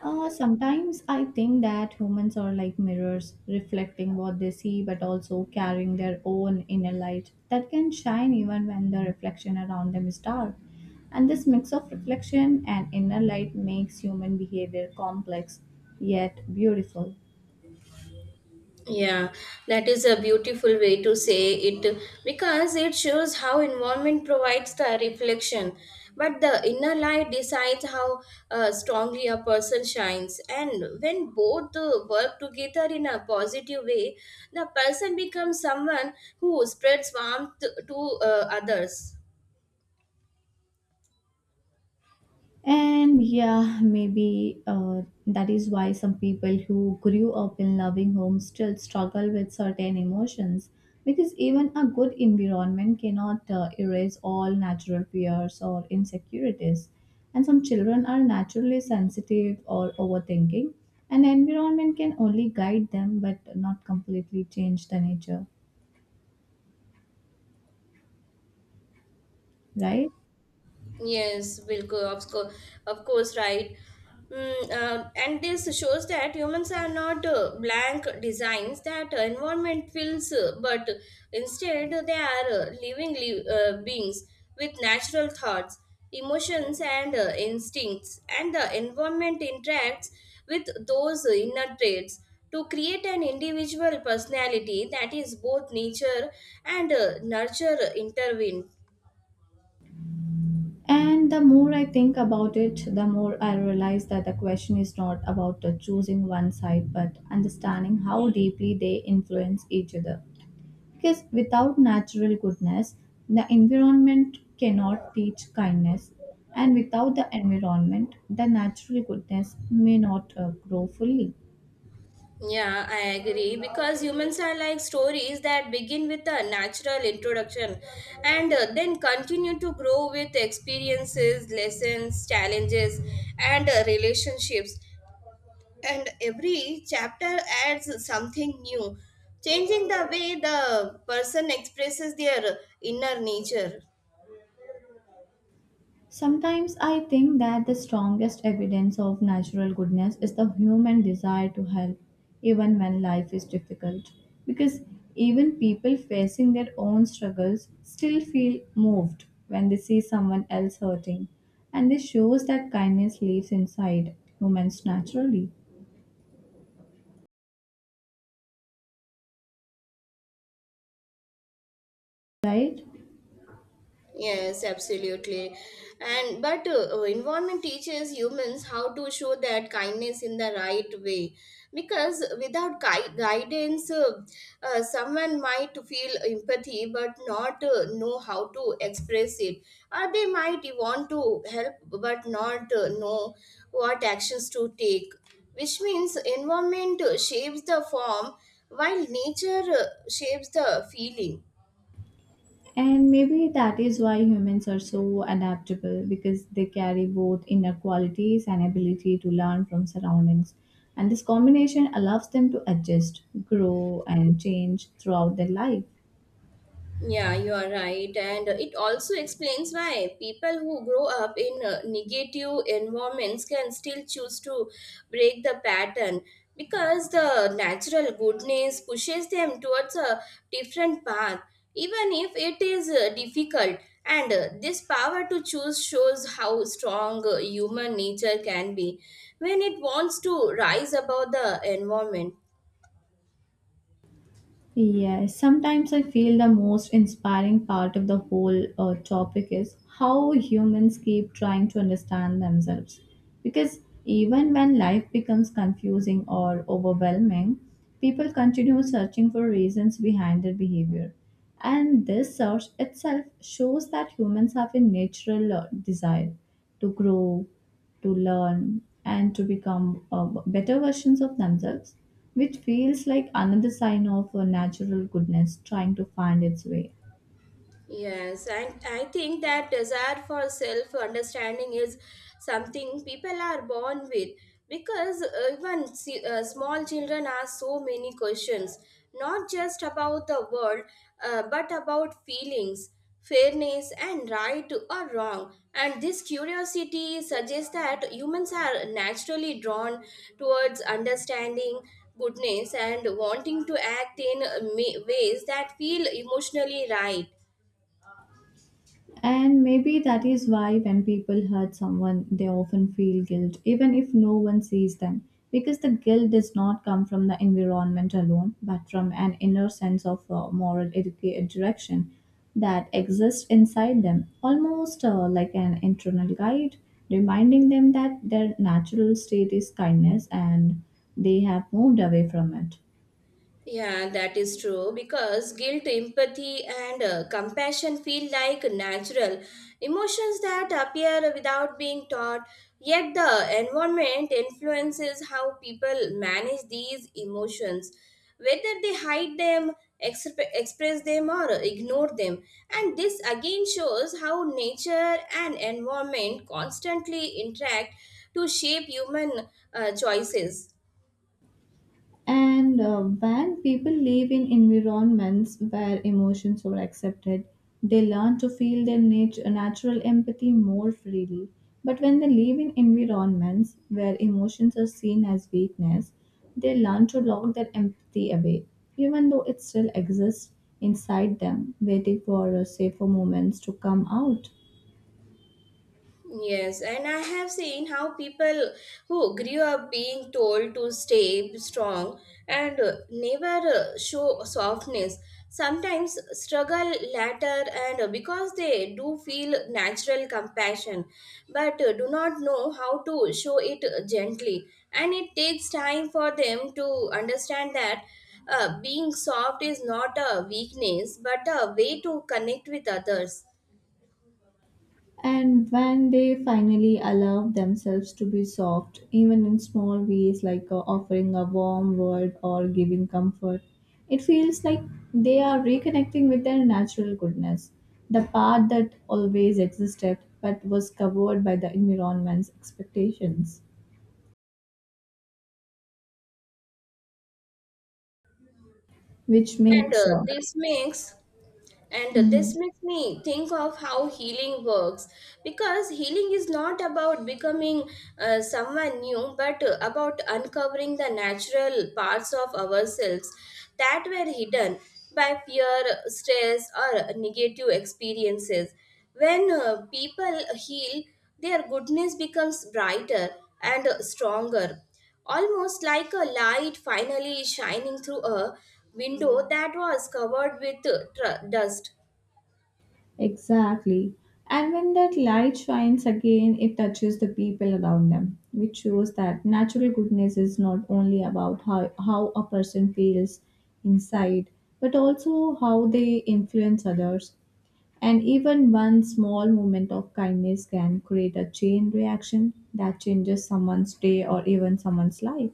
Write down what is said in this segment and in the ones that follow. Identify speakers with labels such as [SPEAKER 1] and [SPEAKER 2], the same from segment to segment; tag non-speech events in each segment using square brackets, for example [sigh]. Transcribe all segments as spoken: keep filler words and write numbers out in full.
[SPEAKER 1] Uh, sometimes I think that humans are like mirrors, reflecting what they see but also carrying their own inner light that can shine even when the reflection around them is dark. And this mix of reflection and inner light makes human behavior complex yet beautiful.
[SPEAKER 2] Yeah, that is a beautiful way to say it because it shows how environment provides the reflection, but the inner light decides how uh, strongly a person shines. And when both uh, work together in a positive way, the person becomes someone who spreads warmth to uh, others.
[SPEAKER 1] And yeah, maybe uh, that is why some people who grew up in loving homes still struggle with certain emotions because even a good environment cannot uh, erase all natural fears or insecurities. And some children are naturally sensitive or overthinking, and environment can only guide them but not completely change the nature, right?
[SPEAKER 2] Yes, Bilko, of course, of course, right. Mm, uh, and this shows that humans are not uh, blank designs that uh, environment fills, uh, but instead they are uh, living li- uh, beings with natural thoughts, emotions, and uh, instincts. And the environment interacts with those inner traits to create an individual personality that is both nature and uh, nurture intervened.
[SPEAKER 1] And the more I think about it, the more I realize that the question is not about uh, choosing one side, but understanding how deeply they influence each other. Because without natural goodness, the environment cannot teach kindness. And without the environment, the natural goodness may not uh, grow fully.
[SPEAKER 2] Yeah, I agree because humans are like stories that begin with a natural introduction and uh, then continue to grow with experiences, lessons, challenges, and uh, relationships. And every chapter adds something new, changing the way the person expresses their uh, inner nature.
[SPEAKER 1] Sometimes I think that the strongest evidence of natural goodness is the human desire to help, even when life is difficult. Because even people facing their own struggles still feel moved when they see someone else hurting. And this shows that kindness lives inside humans naturally, right?
[SPEAKER 2] Yes, absolutely. And but uh, uh, environment teaches humans how to show that kindness in the right way. Because without gui- guidance, uh, uh, someone might feel empathy but not uh, know how to express it, or they might want to help but not uh, know what actions to take. Which means environment uh, shapes the form while nature uh, shapes the feeling.
[SPEAKER 1] And maybe that is why humans are so adaptable because they carry both inner qualities and ability to learn from surroundings. And this combination allows them to adjust, grow, and change throughout their life.
[SPEAKER 2] Yeah, you are right. And it also explains why people who grow up in uh, negative environments can still choose to break the pattern because the natural goodness pushes them towards a different path, even if it is uh, difficult. And uh, this power to choose shows how strong uh, human nature can be when it wants to rise above the environment.
[SPEAKER 1] Yes, sometimes I feel the most inspiring part of the whole uh, topic is how humans keep trying to understand themselves. Because even when life becomes confusing or overwhelming, people continue searching for reasons behind their behavior. And this search itself shows that humans have a natural uh, desire to grow, to learn and to become uh, better versions of themselves, which feels like another sign of a natural goodness trying to find its way.
[SPEAKER 2] Yes, and I think that desire for self understanding is something people are born with because uh, even se- uh, small children ask so many questions, not just about the world, uh, but about feelings, fairness, and right or wrong. And this curiosity suggests that humans are naturally drawn towards understanding goodness and wanting to act in uh, ma- ways that feel emotionally right.
[SPEAKER 1] And maybe that is why when people hurt someone, they often feel guilt, even if no one sees them. Because the guilt does not come from the environment alone, but from an inner sense of uh, moral educa- direction that exists inside them, almost uh, like an internal guide, reminding them that their natural state is kindness and they have moved away from it.
[SPEAKER 2] Yeah, that is true because guilt, empathy, and uh, compassion feel like natural emotions that appear without being taught. Yet, the environment influences how people manage these emotions, whether they hide them, exp- express them, or ignore them. And this again shows how nature and environment constantly interact to shape human uh, choices.
[SPEAKER 1] And uh, when people live in environments where emotions are accepted, they learn to feel their nat- natural empathy more freely. But when they live in environments where emotions are seen as weakness, they learn to lock their empathy away, even though it still exists inside them, waiting for uh, safer moments to come out.
[SPEAKER 2] Yes, and I have seen how people who grew up being told to stay strong and uh, never uh, show softness sometimes struggle later and uh, because they do feel natural compassion but uh, do not know how to show it gently and it takes time for them to understand that uh, being soft is not a weakness but a way to connect with others
[SPEAKER 1] And when they finally allow themselves to be soft, even in small ways like uh, offering a warm word or giving comfort, it feels like they are reconnecting with their natural goodness, the part that always existed but was covered by the environment's expectations, which
[SPEAKER 2] and
[SPEAKER 1] makes
[SPEAKER 2] uh,
[SPEAKER 1] uh,
[SPEAKER 2] this makes And this
[SPEAKER 1] mhm.
[SPEAKER 2] makes me think of how healing works because healing is not about becoming uh, someone new but uh, about uncovering the natural parts of ourselves that were hidden by fear, stress, or negative experiences. When uh, people heal, their goodness becomes brighter and stronger almost like a light finally shining through a window that was covered with uh, tr- dust.
[SPEAKER 1] Exactly. And when that light shines again, it touches the people around them, which shows that natural goodness is not only about how, how a person feels inside, but also how they influence others. And even one small moment of kindness can create a chain reaction that changes someone's day or even someone's life.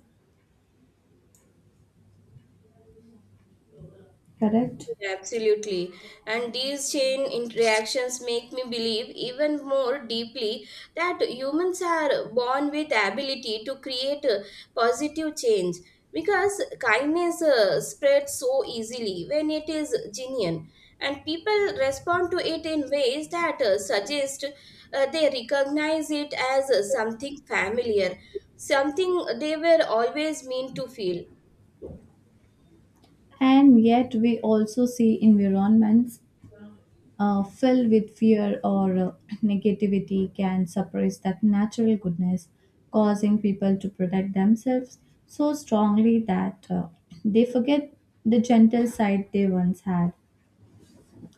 [SPEAKER 1] Correct?
[SPEAKER 2] Yeah, absolutely. And these chain interactions make me believe even more deeply that humans are born with ability to create uh, positive change because kindness uh, spreads so easily when it is genuine and people respond to it in ways that uh, suggest uh, they recognize it as uh, something familiar, something they were always meant to feel.
[SPEAKER 1] And yet, we also see environments uh, filled with fear or uh, [clears throat] negativity can suppress that natural goodness, causing people to protect themselves so strongly that uh, they forget the gentle side they once had.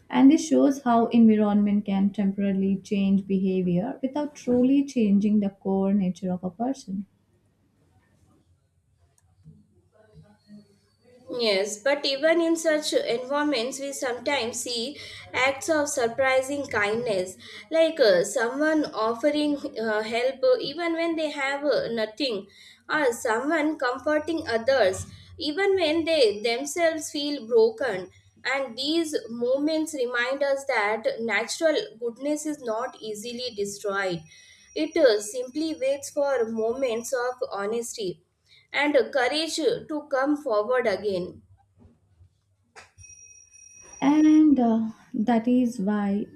[SPEAKER 1] And this shows how environment can temporarily change behavior without truly changing the core nature of a person.
[SPEAKER 2] Yes, but even in such environments, we sometimes see acts of surprising kindness, like uh, someone offering uh, help uh, even when they have uh, nothing, or someone comforting others even when they themselves feel broken. And these moments remind us that natural goodness is not easily destroyed, it uh, simply waits for moments of honesty and courage to come forward again.
[SPEAKER 1] And uh, that is why,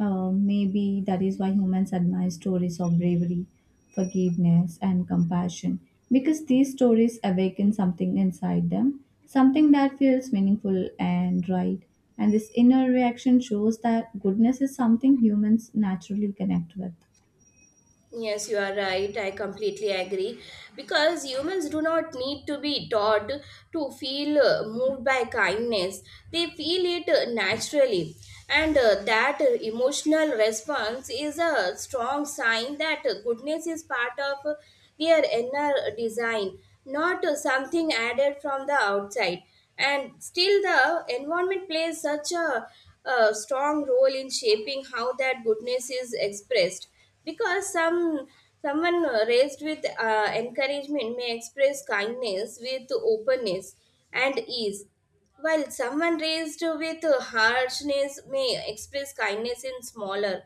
[SPEAKER 1] uh, maybe that is why humans admire stories of bravery, forgiveness, and compassion. Because these stories awaken something inside them, something that feels meaningful and right. And this inner reaction shows that goodness is something humans naturally connect with.
[SPEAKER 2] Yes, you are right. I completely agree. Because humans do not need to be taught to feel uh, moved by kindness, they feel it uh, naturally. And uh, that uh, emotional response is a strong sign that uh, goodness is part of uh, their inner design, not uh, something added from the outside. And still, the environment plays such a, a strong role in shaping how that goodness is expressed because some someone raised with uh, encouragement may express kindness with openness and ease while someone raised with harshness may express kindness in smaller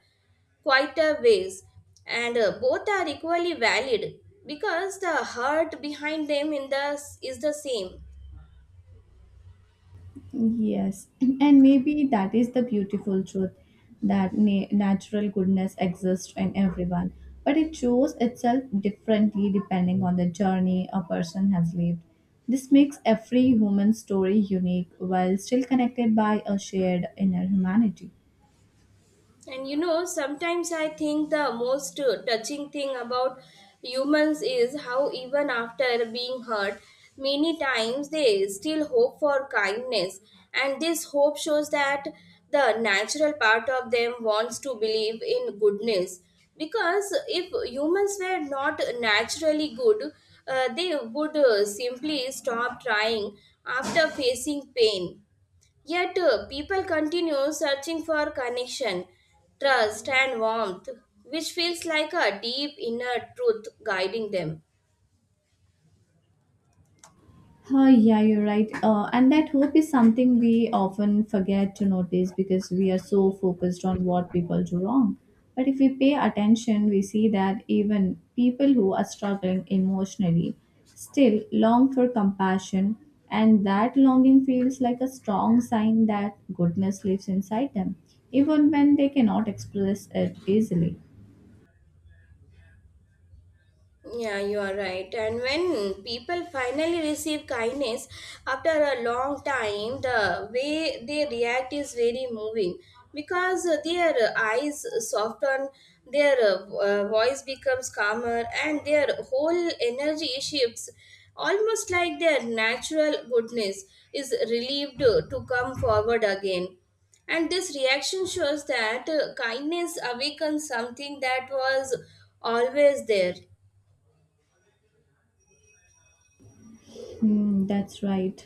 [SPEAKER 2] quieter ways and uh, both are equally valid because the heart behind them in the is the same.
[SPEAKER 1] Yes, [clears throat] and maybe that is the beautiful truth that na- natural goodness exists in everyone, but it shows itself differently depending on the journey a person has lived. This makes every human story unique while still connected by a shared inner humanity.
[SPEAKER 2] And you know, sometimes I think the most uh, touching thing about humans is how, even after being hurt, many times they still hope for kindness. And this hope shows that the natural part of them wants to believe in goodness. Because if humans were not naturally good, uh, they would uh, simply stop trying after facing pain. Yet uh, people continue searching for connection, trust, and warmth, which feels like a deep inner truth guiding them.
[SPEAKER 1] Oh, yeah, you're right. Uh, and that hope is something we often forget to notice because we are so focused on what people do wrong. But if we pay attention, we see that even people who are struggling emotionally still long for compassion, and that longing feels like a strong sign that goodness lives inside them, even when they cannot express it easily.
[SPEAKER 2] Yeah, you are right. And when people finally receive kindness after a long time, the way they react is very moving because uh, their uh, eyes soften, their uh, uh, voice becomes calmer, and their whole energy shifts almost like their natural goodness is relieved uh, to come forward again. And this reaction shows that uh, kindness awakens something that was always there.
[SPEAKER 1] Hmm, that's right.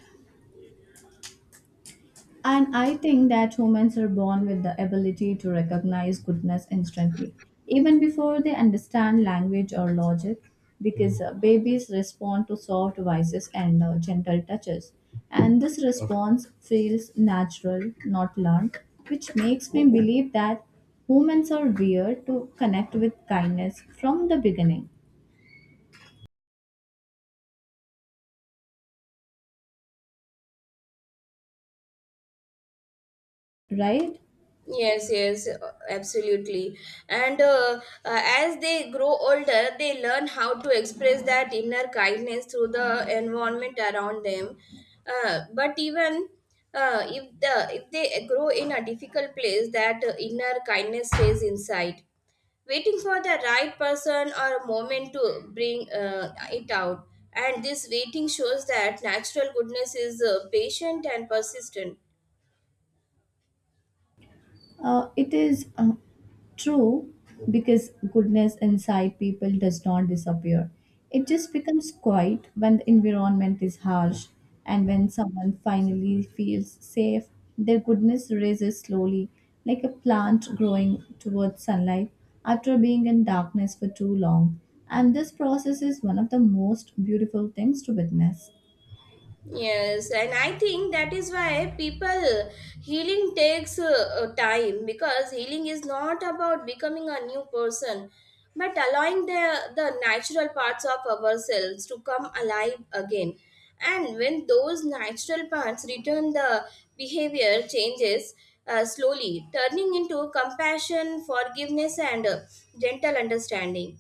[SPEAKER 1] And I think that humans are born with the ability to recognize goodness instantly, even before they understand language or logic, because uh, babies respond to soft voices and uh, gentle touches. And this response feels natural, not learned, which makes me believe that humans are wired to connect with kindness from the beginning, right?
[SPEAKER 2] Yes, yes, absolutely. And uh, uh, as they grow older, they learn how to express that inner kindness through the environment around them. Uh, but even uh, if the if they grow in a difficult place, that uh, inner kindness stays inside, waiting for the right person or moment to bring uh, it out. And this waiting shows that natural goodness is uh, patient and persistent.
[SPEAKER 1] Uh, it is uh, true because goodness inside people does not disappear. It just becomes quiet when the environment is harsh and when someone finally feels safe, their goodness rises slowly like a plant growing towards sunlight after being in darkness for too long. And this process is one of the most beautiful things to witness.
[SPEAKER 2] Yes, and I think that is why people healing takes uh, uh, time because healing is not about becoming a new person but allowing the, the natural parts of ourselves to come alive again. And when those natural parts return, the behavior changes uh, slowly, turning into compassion, forgiveness, and uh, gentle understanding.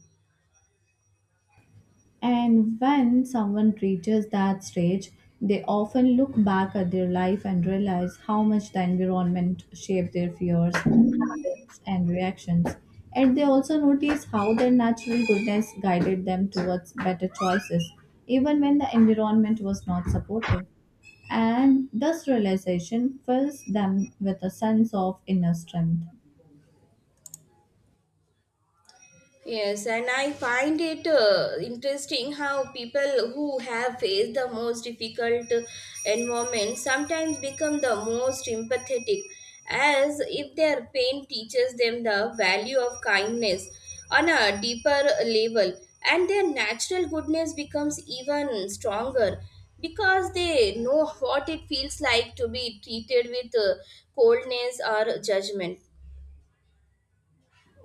[SPEAKER 1] And when someone reaches that stage, they often look back at their life and realize how much the environment shaped their fears, habits, and reactions. And they also notice how their natural goodness guided them towards better choices, even when the environment was not supportive. And this realization fills them with a sense of inner strength.
[SPEAKER 2] Yes, and I find it uh, interesting how people who have faced the most difficult environment sometimes become the most empathetic, as if their pain teaches them the value of kindness on a deeper level, and their natural goodness becomes even stronger because they know what it feels like to be treated with uh, coldness or judgment.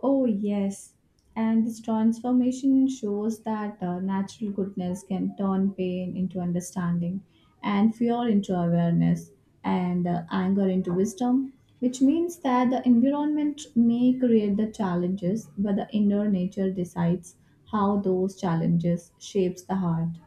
[SPEAKER 1] Oh, yes. And this transformation shows that uh, natural goodness can turn pain into understanding, and fear into awareness, and uh, anger into wisdom, which means that the environment may create the challenges, but the inner nature decides how those challenges shapes the heart.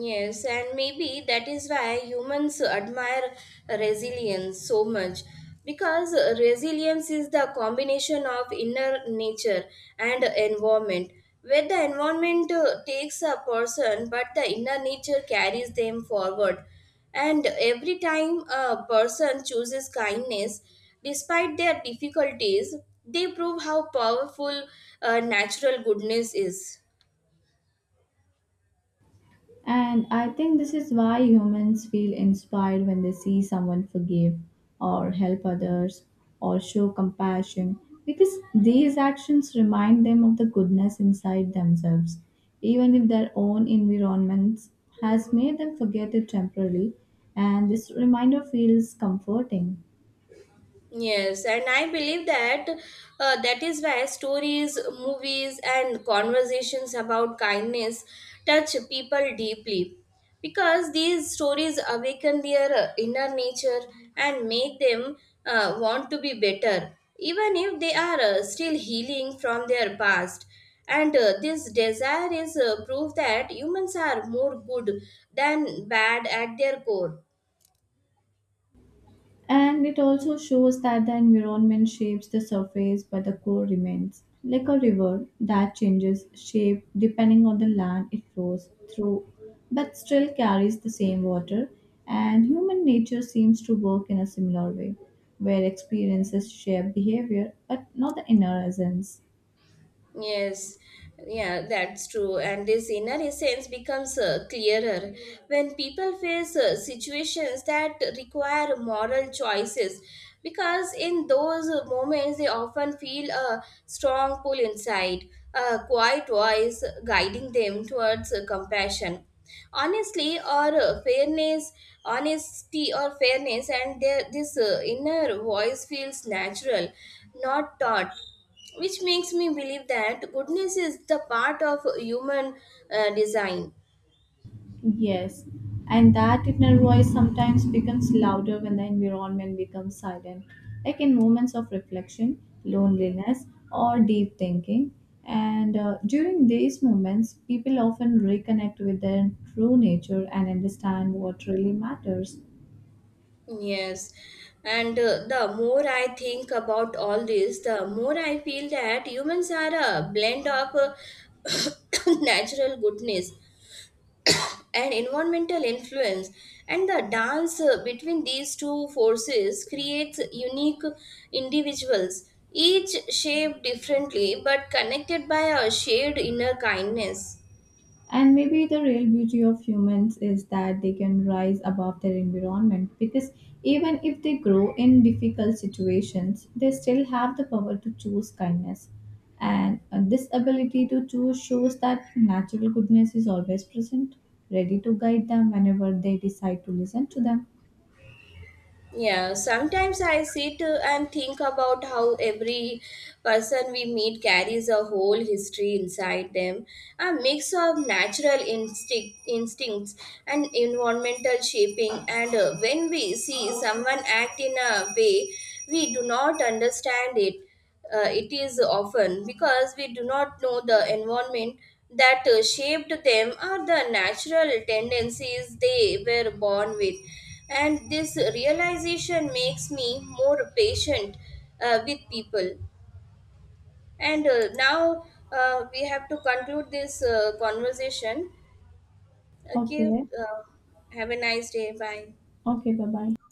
[SPEAKER 2] Yes, and maybe that is why humans admire resilience so much because resilience is the combination of inner nature and environment where the environment uh, takes a person but the inner nature carries them forward and every time a person chooses kindness despite their difficulties they prove how powerful uh, natural goodness is.
[SPEAKER 1] And I think this is why humans feel inspired when they see someone forgive or help others or show compassion because these actions remind them of the goodness inside themselves, even if their own environments has made them forget it temporarily. And this reminder feels comforting.
[SPEAKER 2] Yes, and I believe that uh, that is why stories, movies, and conversations about kindness touch people deeply because these stories awaken their uh, inner nature and make them uh, want to be better, even if they are uh, still healing from their past. And uh, this desire is uh, proof that humans are more good than bad at their core.
[SPEAKER 1] And it also shows that the environment shapes the surface, but the core remains. Like a river that changes shape depending on the land it flows through, but still carries the same water. And human nature seems to work in a similar way, where experiences shape behavior, but not the inner essence.
[SPEAKER 2] Yes, yeah, that's true. And this inner essence becomes uh, clearer when people face uh, situations that require moral choices, because in those uh, moments they often feel a strong pull inside, a quiet voice guiding them towards uh, compassion. Honestly, or uh, fairness, honesty, or fairness, and their, this uh, inner voice feels natural, not taught, which makes me believe that goodness is the part of human uh, design.
[SPEAKER 1] Yes, and that inner voice sometimes becomes louder when the environment becomes silent, like in moments of reflection, loneliness, or deep thinking. And uh, during these moments, people often reconnect with their true nature and understand what really matters.
[SPEAKER 2] Yes, and uh, the more I think about all this, the more I feel that humans are a blend of uh, [coughs] natural goodness [coughs] and environmental influence and the dance uh, between these two forces creates unique individuals, each shaped differently but connected by a shared inner kindness.
[SPEAKER 1] And maybe the real beauty of humans is that they can rise above their environment because even if they grow in difficult situations, they still have the power to choose kindness. And uh, this ability to choose shows that natural goodness is always present, ready to guide them whenever they decide to listen to them.
[SPEAKER 2] Yeah, sometimes I sit uh, and think about how every person we meet carries a whole history inside them, a mix of natural instinct, instincts and environmental shaping. And uh, when we see someone act in a way we do not understand it, uh, it is often because we do not know the environment that uh, shaped them or the natural tendencies they were born with. And this realization makes me more patient uh, with people. And uh, now uh, we have to conclude this uh, conversation. Okay,
[SPEAKER 1] Okay,
[SPEAKER 2] uh, have a nice day. Bye.
[SPEAKER 1] okay, bye bye.